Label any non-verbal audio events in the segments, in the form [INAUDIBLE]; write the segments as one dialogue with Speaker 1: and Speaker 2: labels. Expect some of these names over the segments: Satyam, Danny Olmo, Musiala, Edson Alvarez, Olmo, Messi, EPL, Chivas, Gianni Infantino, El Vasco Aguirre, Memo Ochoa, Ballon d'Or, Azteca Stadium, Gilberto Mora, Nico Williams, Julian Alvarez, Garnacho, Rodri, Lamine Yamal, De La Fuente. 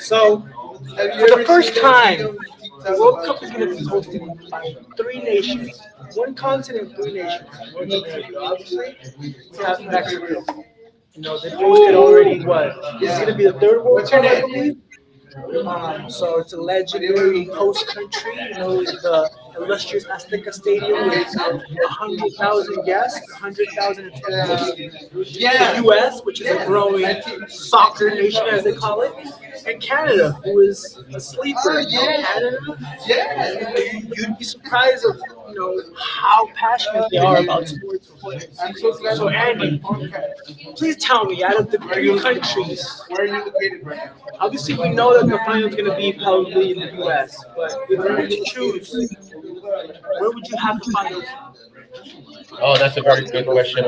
Speaker 1: So, hosted by three nations, one continent, three nations. Obviously, they've hosted
Speaker 2: Woo!
Speaker 1: already what? Be the third one. So it's alleged host country, you know, the illustrious Azteca Stadium with 100,000 guests, 100,000 attendees. US, which is soccer nation as they call it, and Canada, who is asleep. Canada, would be surprised of you know how passionate sports. Was. Please tell me, out of the countries, obviously we know that the final is going to be probably in the U.S., but where would you have the
Speaker 2: Thank you.
Speaker 1: final
Speaker 2: Yeah, that's a very good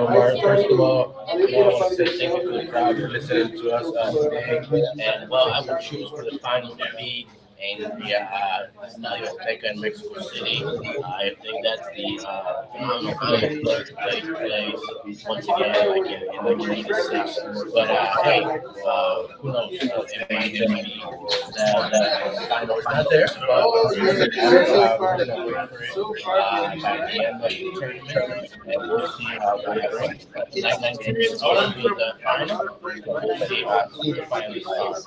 Speaker 2: question the tournament and we'll see how, what it brings us. So we'll see how it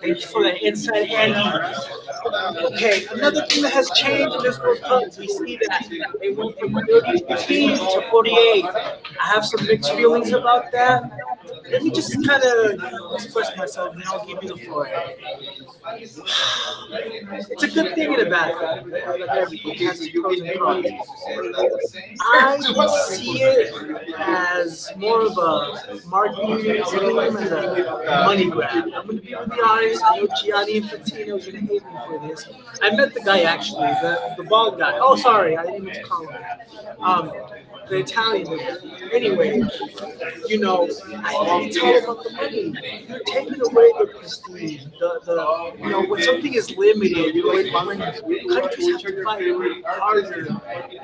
Speaker 1: for the inside handy? Something that has changed in this World Cup, we see that they went from 30 to 48. I have some mixed feelings about that. Let me just kind of express myself, then I'll give you the floor.
Speaker 2: brings
Speaker 1: I,
Speaker 2: up.
Speaker 1: as more of a marketing grab, I'm going to be really honest. I know Gianni Infantino is going to hate me for this. I met the guy actually, the bald guy. Oh, sorry, I didn't mean to call him that. The Italian man. Anyway, you know, I think it's all about the money. You're taking away the prestige. The, thing is limited.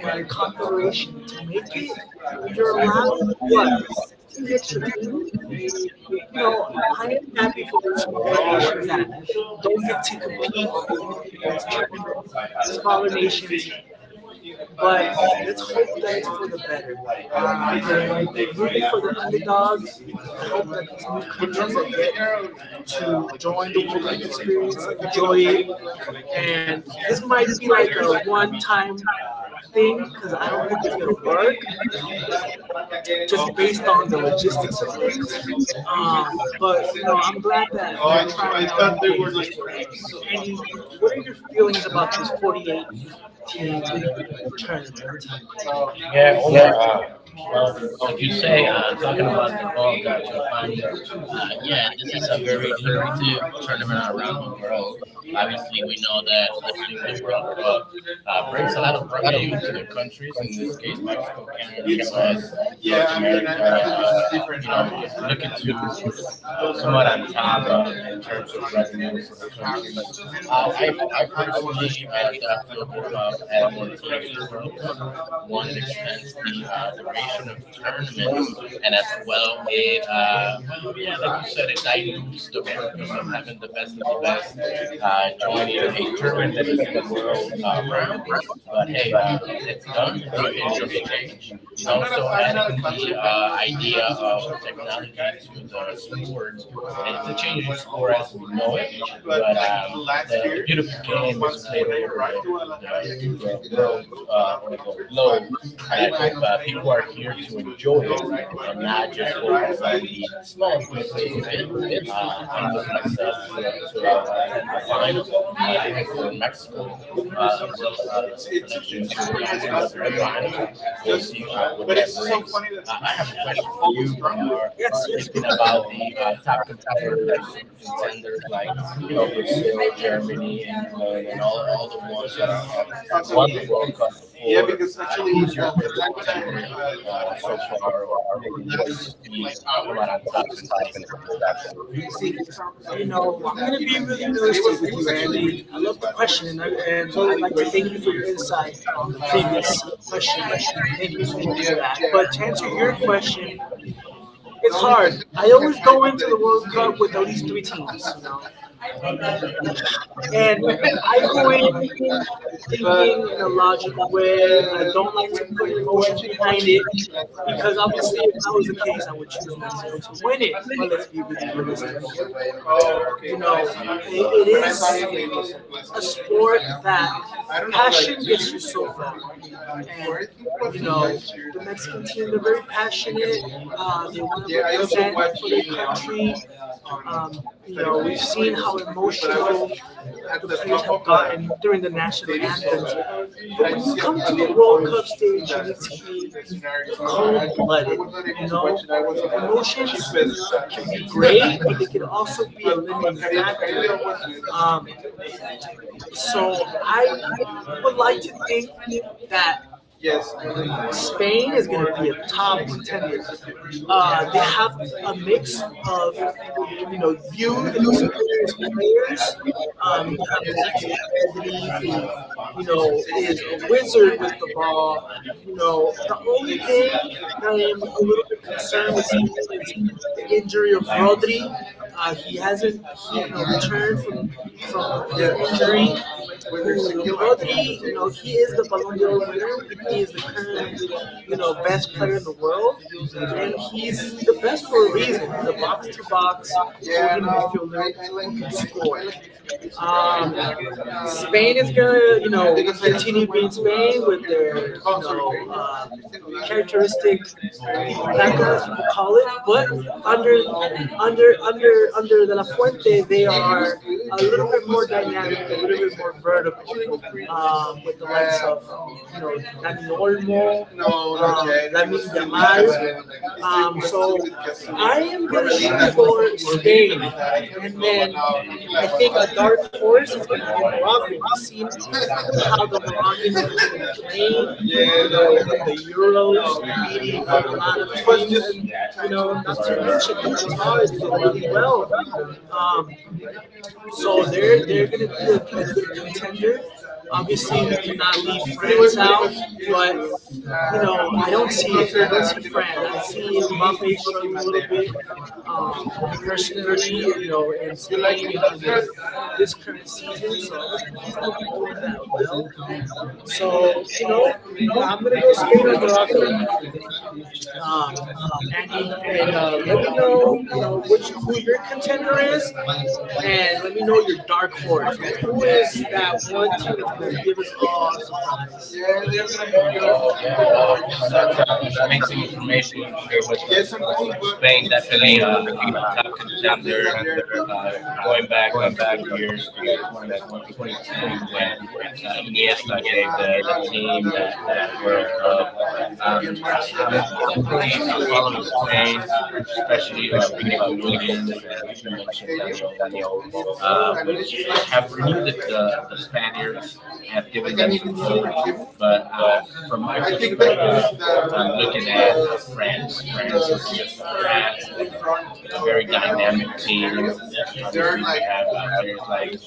Speaker 1: And a corporation to make it. Rolando what 16 extra teams. I am happy for the team that don't get to
Speaker 2: Or the
Speaker 1: compete
Speaker 2: activity inside of
Speaker 1: in
Speaker 2: the
Speaker 1: these nations, but that's for the better. For the underdogs,
Speaker 2: this
Speaker 1: I hope that this new coach joins. And this might be
Speaker 2: might
Speaker 1: like
Speaker 2: be
Speaker 1: a
Speaker 2: like a one
Speaker 1: one-time
Speaker 2: time.
Speaker 1: thing because I don't think it's gonna work. But you know, I'm glad that. What are your feelings about this 48 team tournament?
Speaker 2: Yeah, Well, this is a very important thing. Because we know that such people from a lot of countries, in this case, Mexico, Canada, the US, North America, you know, when I look at you, in terms of the countries. I personally don't feel good about the World Cup. Do
Speaker 1: Yes.
Speaker 2: is what's your favorite template so far? What do you see on the top and what is that that you're
Speaker 1: Question and thank you for your insight on this question. Thank you. So
Speaker 2: thank
Speaker 1: to answer your question,
Speaker 2: you so much.
Speaker 1: three teams, you know, and went logical way. And it, if that was the case, I would choose that. And they're very passionate. They want be um, during the national team, but they could also be. Um, so I would like to think that have a mix of you know youth and experienced players. You have Max
Speaker 2: Thank you.
Speaker 1: Bedri, who you know is
Speaker 2: Thank
Speaker 1: a wizard with the ball. You know the only thing that I'm a little bit concerned with is the injury of Rodri. He hasn't you know, returned from from. He is the Ballon d'Or winner. He is the current, you know, best player in the world. He's the best for box to box. You under De La Fuente, they vertical with Olmo, we see the Euro. So they're going to be a good contender. Not
Speaker 2: you.
Speaker 1: um, personally, you know, in this current season, so he's going to be doing that well.
Speaker 2: So,
Speaker 1: You know,
Speaker 2: you know, it happened.
Speaker 1: and,
Speaker 2: And they
Speaker 1: and
Speaker 2: create
Speaker 1: let me
Speaker 2: a
Speaker 1: know, you know, which who
Speaker 2: yeah,
Speaker 1: your contender is, and let me know your dark horse. That one team that's going to give us all a surprise.
Speaker 2: that's amazing information for your website. Spain is really a top contender going back a couple of years to that 2020, 2010 when ES I gave the team that, that were definitely almost especially with Nico Williams and like you mentioned Danny Olmo. But just a couple years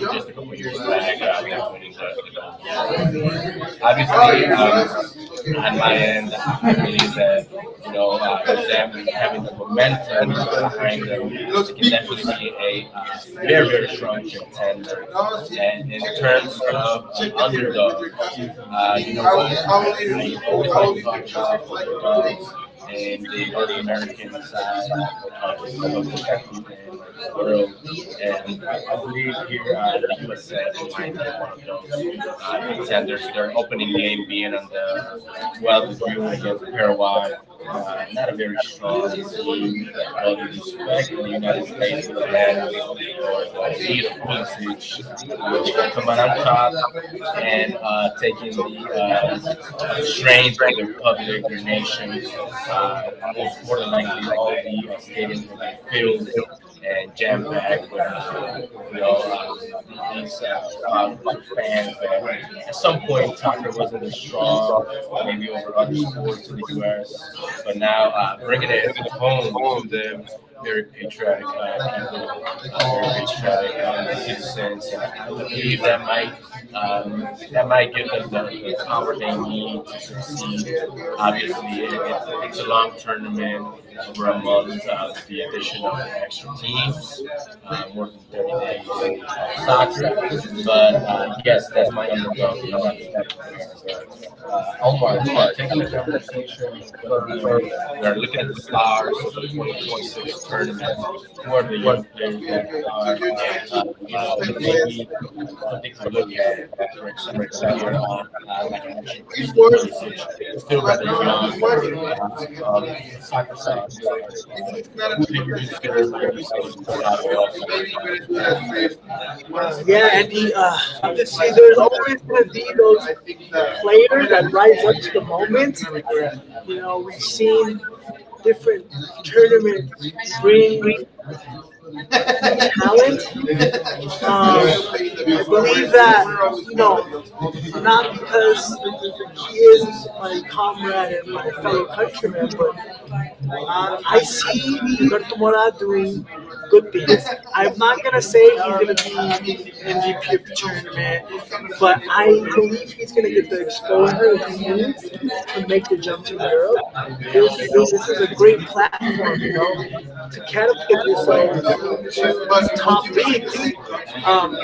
Speaker 2: back, I got, I think, strength of the public. At some point in was there was struggle maybe over other sports and declares bringing it home to them. I'm not sure if there's a they need to succeed. I'm going to take the conversation a little further. Like looking at the stocks in 2026, who are the young players that are, you know, something to look that, for example, um, outside the stars, so we could just do it like so much
Speaker 1: [SIGHS] I'm just saying, there's always going to be, you know, we've seen different tournament
Speaker 2: of a 動
Speaker 1: not
Speaker 2: 画
Speaker 1: because he is my comrade and my fellow countryman, but I see Gilberto Mora doing good things. I'm not going to say if the tournament, if he's going to get the jump to Europe. This,
Speaker 2: 動
Speaker 1: this is a great
Speaker 2: 画
Speaker 1: platform, you know, to
Speaker 2: the
Speaker 1: catapult.
Speaker 2: catapult was equipped with
Speaker 1: Um,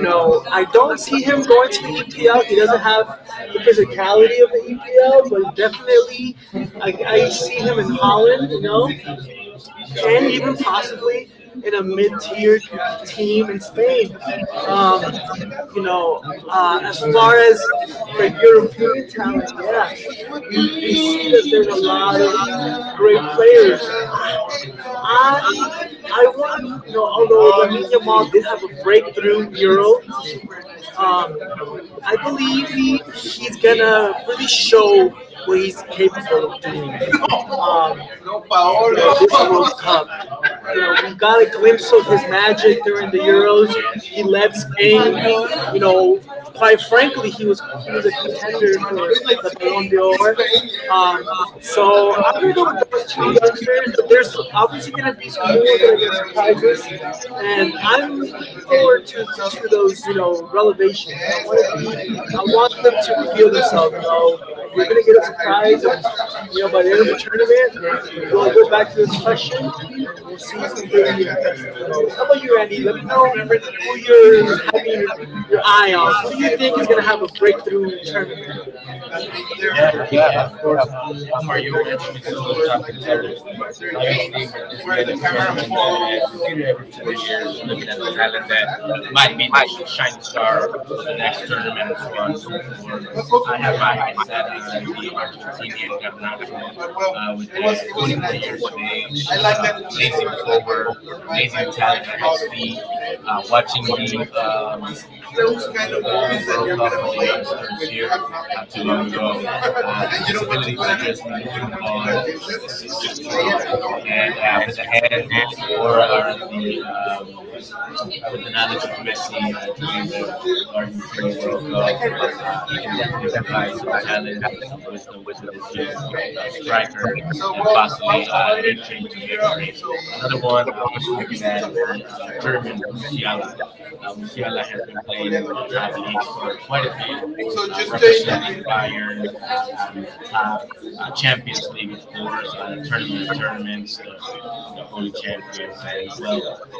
Speaker 1: know, I don't see him going to the EPL. He doesn't have the physicality of the EPL, but definitely I see him in Holland, you know, and even possibly in a
Speaker 2: a top
Speaker 1: mid-tier
Speaker 2: leading
Speaker 1: team in Spain. Um, you know, as far as the European talent, yeah. I want to, you know, although Lamine Yamal did have a breakthrough Euro, um, I believe he's gonna really show what he's capable of doing. Um, we got a glimpse of his magic during the Euro. He led Spain. Quite frankly, he was a contender. For, um, so I'm gonna go with those two youngsters. But there's obviously gonna be, some, and I'm to those you know
Speaker 2: thank
Speaker 1: relevation.
Speaker 2: you.
Speaker 1: You know, you tournament. Go back to this question. How about you, Randy? Let your eye on. To have a breakthrough tournament.
Speaker 2: Yeah, yeah, of course. You know, when you went through some of the tough contenders, it was a tough team, but they still have certain advantages that might be the same story for Minnesota. And so forth. I have my mindset on the Argentinian that natural with the 21 years of age, facing over facing talent and speed, watching the definitely provide some kind or some wisdom to this young I strike another one I was looking at is the tournament this guy that has been playing in the top eight for Winnipeg, representing Winnipeg champions, League, of course, tournament of champions, the holy champions, and the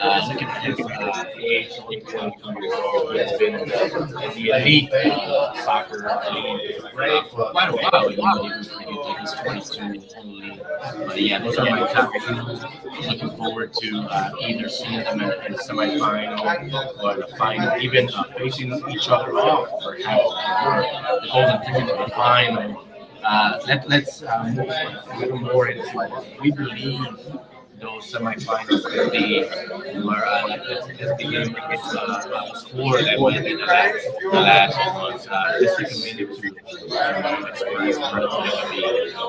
Speaker 2: look at me this. It's only going to your phone and you read that. For quite a while, you wouldn't even forget that he's going to but yeah, for my time, looking forward to either seeing them at the same time or even out. So,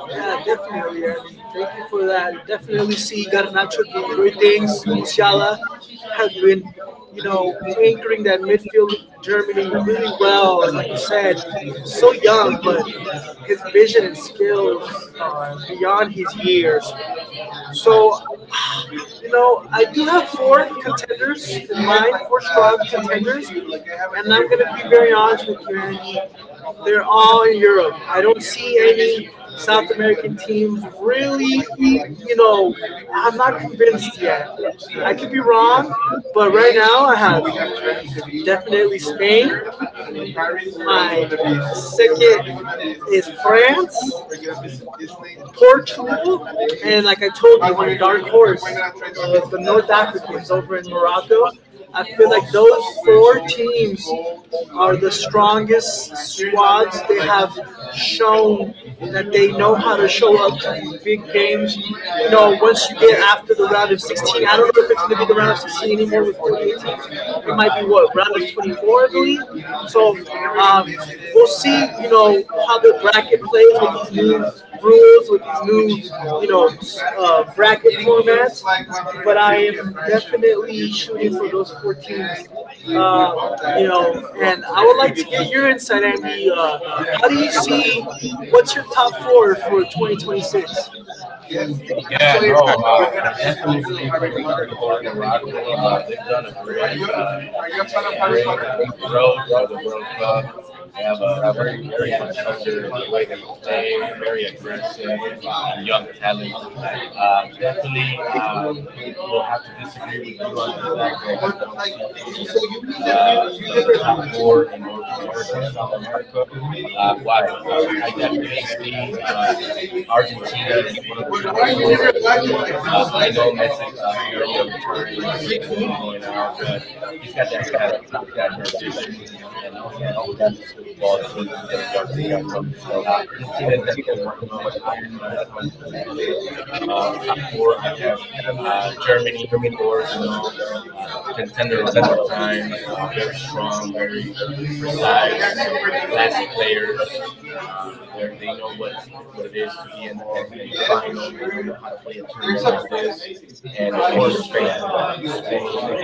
Speaker 1: Yeah, definitely. I mean, thank you for that. Definitely see Garnacho doing great things. Musiala has been, you know, anchoring that midfield Germany really well. And like you said, so young, but his vision and skills are beyond his years. So, you know, I do have four contenders. I'm going to be very honest with you, Andy. They're all in Europe. I don't think teams really, but and like I told you, it's over in Morocco. Those are the strongest. Have shown that they know how to show up to these big games. You know, once you get after the round of 16, I don't know if it's going to be the round of 16 anymore with 48 teams. It might be what round of 24, I believe. So we see, you know, how the bracket plays rules with bracket goes for. And you're in San Antonio.
Speaker 2: thank
Speaker 1: What's your top four
Speaker 2: you.
Speaker 1: for 2026?
Speaker 2: Yeah, no, I definitely think they start to make a lot of things. They grow through the world. They have a very good he's got that talent. He's got that vision. And all he has to do is put the ball through the guys. So Argentina's I think one of the best players on the planet. Germany, of course, contender of that time very strong, very versatile, player. And of course,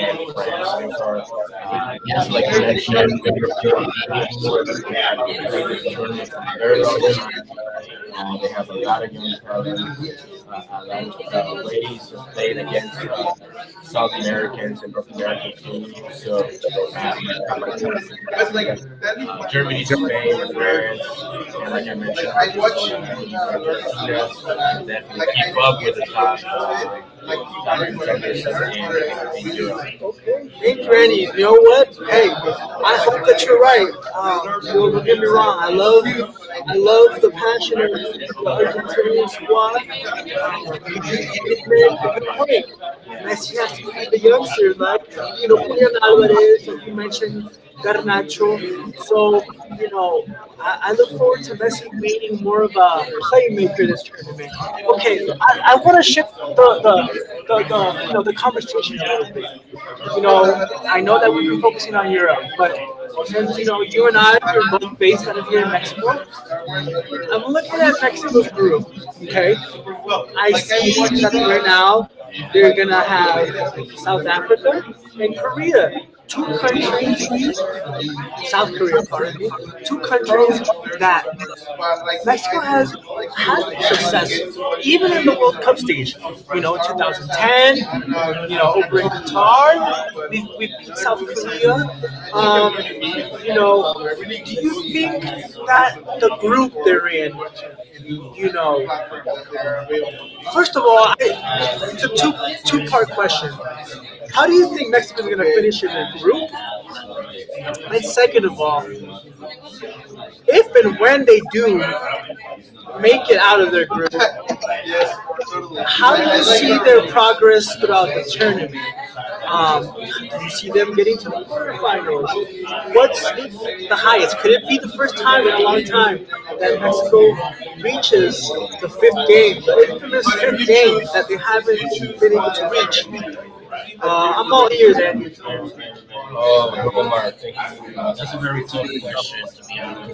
Speaker 2: I guess like in many European teams, I think that this is for a very long time. I can tell that
Speaker 1: Okay, Think
Speaker 2: I see
Speaker 1: Granny, you
Speaker 2: two
Speaker 1: know what? Hey, I hope that you're right. Don't get me wrong. I love the passion of the Argentinian squad. You did make a good point. Messi has to feed the youngsters, like you know, Julian Alvarez, like you mentioned, Garnacho. So you know, I look forward to Messi being more of a playmaker this tournament. Okay, I want to
Speaker 2: countries.
Speaker 1: shift the you know the conversation a little bit. I know that we've been focusing on Europe, but since you know you and I are both based out of here in Mexico, I'm looking at Mexico's group. Okay, now South Africa and Korea, two countries, South Korea, pardon me,
Speaker 2: South
Speaker 1: two countries cup stage. You know, we the group they're in. You know, first of all, it's a two part question. How do you think Mexico's gonna finish in the group? And second of all, if and when they do, make it out of their group, progress throughout the tournament. Do you see them getting to the quarterfinals? What's
Speaker 2: Korea.
Speaker 1: the highest? Could it be the first time in a long time that Mexico reaches
Speaker 2: Which
Speaker 1: the fifth game, the infamous that they haven't been able to reach? I'm all ears,
Speaker 2: it's
Speaker 1: Andy.
Speaker 2: a very tough question, to be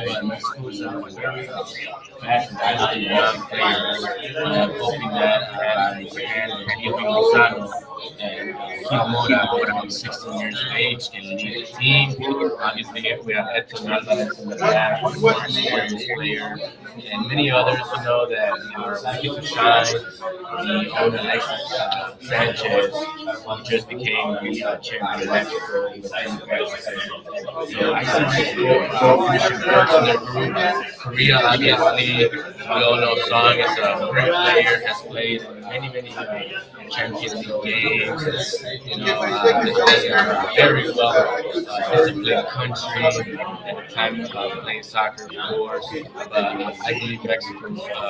Speaker 2: honest. Thank you. I so I started to go using the group Korea. I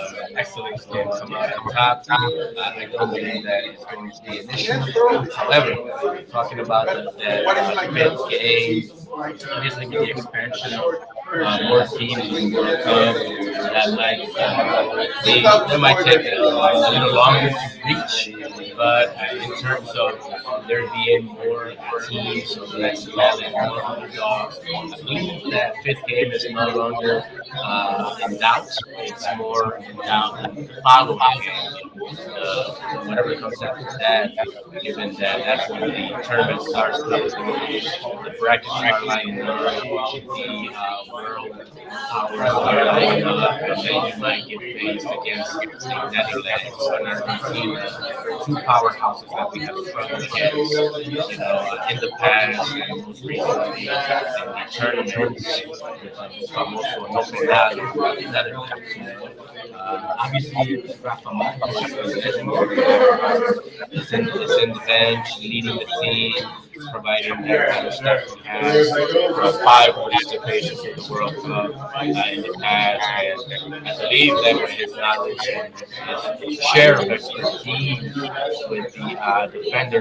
Speaker 2: still need to come up with a time. I don't believe that it's going to be an issue. Tournaments, for example, also an open obviously, from somebody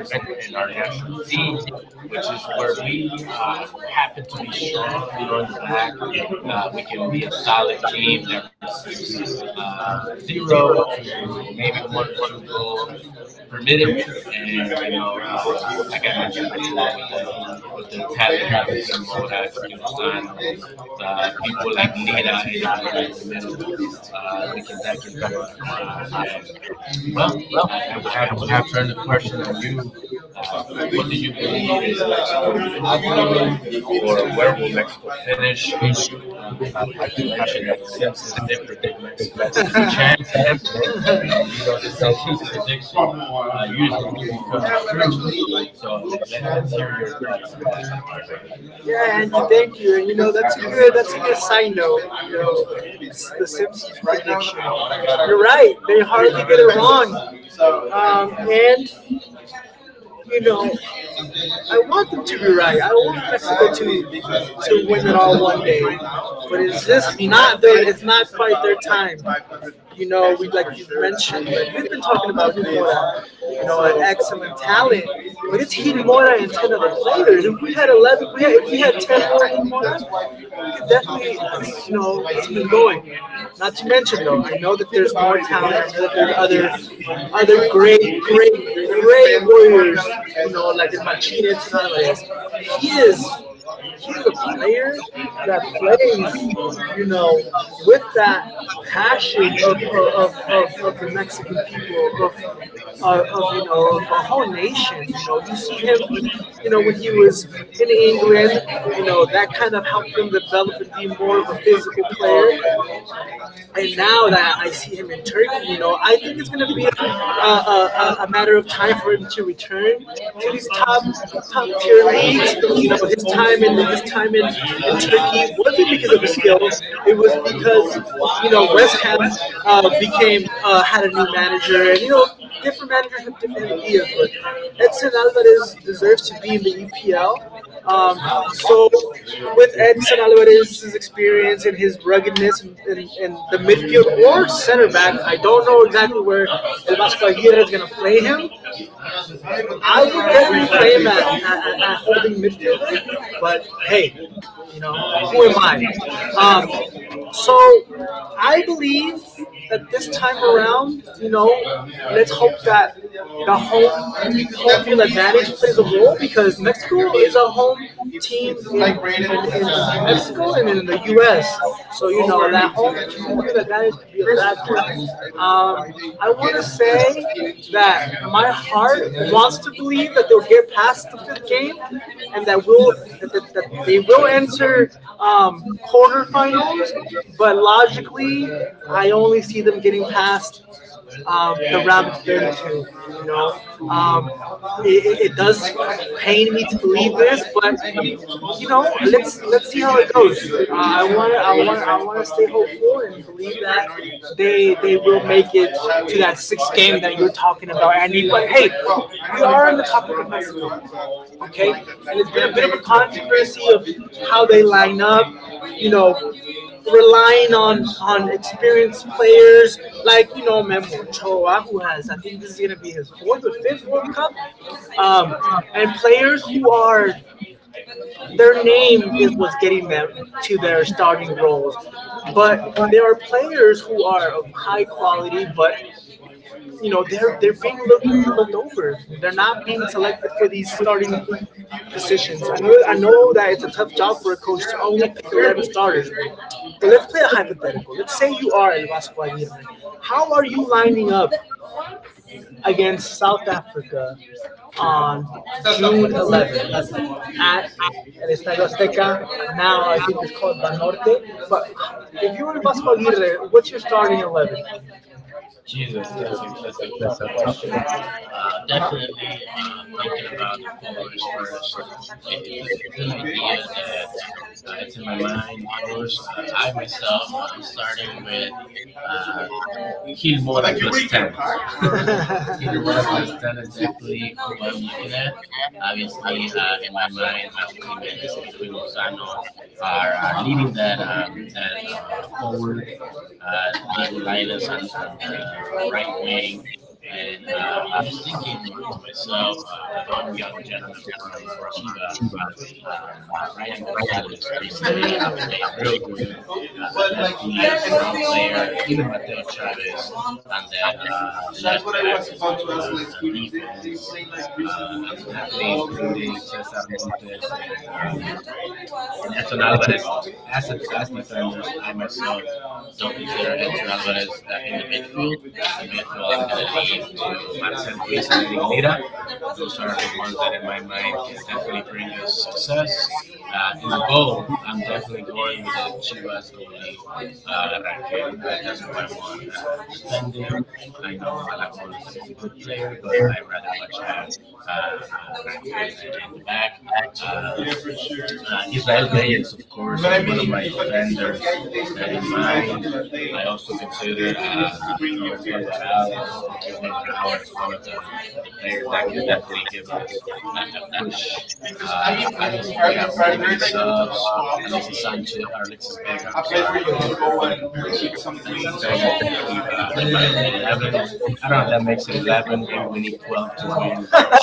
Speaker 2: who's uh, zero per minute, and you know, like I mentioned before, with the talent of people, people like Lina and in the middle, we can definitely come out on top. And, well, I will have to turn the question to you. What do you information. I do have the luxury that since it's different than Mexico, champion, and you know, since you can do it good too. So, let's hear your thoughts on that.
Speaker 1: [LAUGHS] yeah, thank you. And you're right, they're and you know, I want them to be right. I don't, but if we had 11, we you know, not to
Speaker 2: It is
Speaker 1: mention though, I know that
Speaker 2: the biggest party in Ireland.
Speaker 1: they he is he's a player that plays, you know, with that passion of, the Mexican people of you know of a whole nation. You know, you see him, you know, when he was in England, you know, that kind of helped him develop and be more of a physical player. And now that I see him in Turkey, you know, I think it's going to be a matter of time for him to return to these top top you know, his time in Turkey wasn't because of his skill. It was because you know West Ham became had a new manager, and you know different managers have different ideas. But Edson Alvarez deserves to be in the EPL. So with Edson Alvarez's experience and his ruggedness and the midfield center back, I don't know exactly where El Vasco Aguirre is going to play him. Holding midfielder. But hey, you know, who am I?
Speaker 2: Thank you.
Speaker 1: So I believe that this time around, you know, that because Mexico home U.S. so that is my heart wants to believe that they'll get past the fifth game and that will that they will enter quarterfinals. But logically, I only see them getting past the um, it, does pain me to believe, but talking about, I need see if how they line up. You know, relying on experienced players like you know Memo Ochoa, who has I think this is gonna be his fourth or
Speaker 2: Thank
Speaker 1: fifth World Cup, um, and players who are their name is
Speaker 2: you.
Speaker 1: what's getting them to their starting roles. But there are players who are of high quality, but you know they're they're being looked over. They're not being selected for these starting positions. I know that it's a tough job for a coach to only pick 11 starters. But let's play a hypothetical. Let's say you are El Vasco Aguirre. How are you lining up against Africa? And El Vasco Aguirre, what's your
Speaker 2: Obviously, um, uh, I um, uh, was thinking to myself, one gentleman from Chivas, triangle salad, they study it up anyway. That's what- if
Speaker 1: [LAUGHS]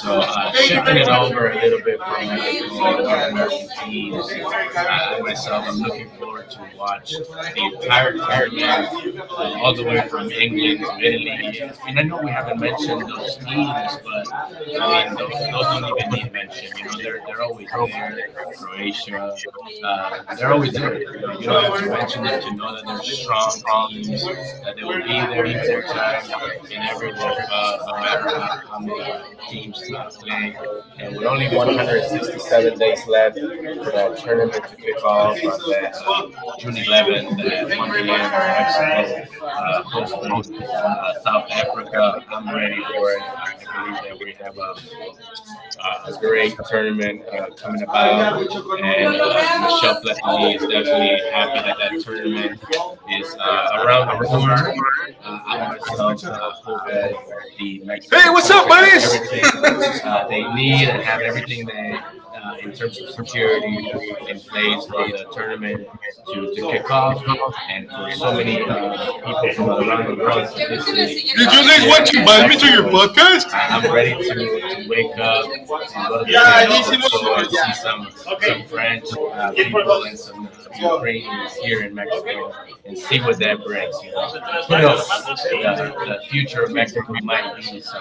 Speaker 2: that is. Hosting South Africa, already, and I believe that we have tournament is around the corner. I myself hope that the vaccines are taken.
Speaker 1: [LAUGHS]
Speaker 2: They need get everything that in terms community in place for the government to kick off and for so many people from across the world to be able to
Speaker 1: podcast? Am
Speaker 2: do what future Mexico might be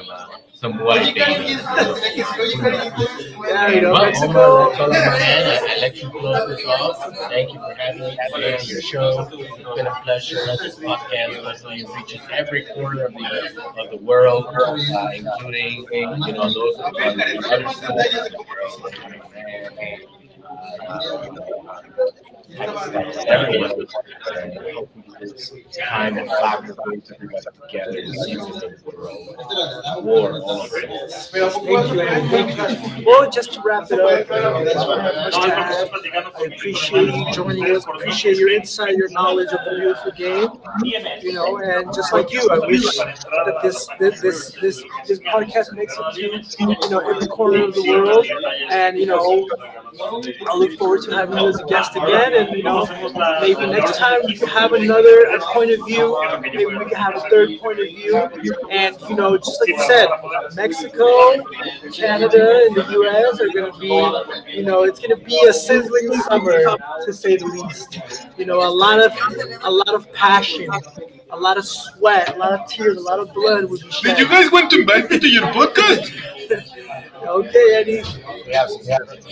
Speaker 2: somewhere.
Speaker 1: well, just to wrap I appreciate joining inside your novel game. You know, and just like you
Speaker 2: Just like you, I can
Speaker 1: pointed out, just, it's going to be a sizzling summer, to say the least. You know, lot of passion, a lot of sweat, a lot of tears, a lot of blood would be shed. Did you guys want to invite me to your podcast? [LAUGHS] okay, Eddie.
Speaker 2: yes.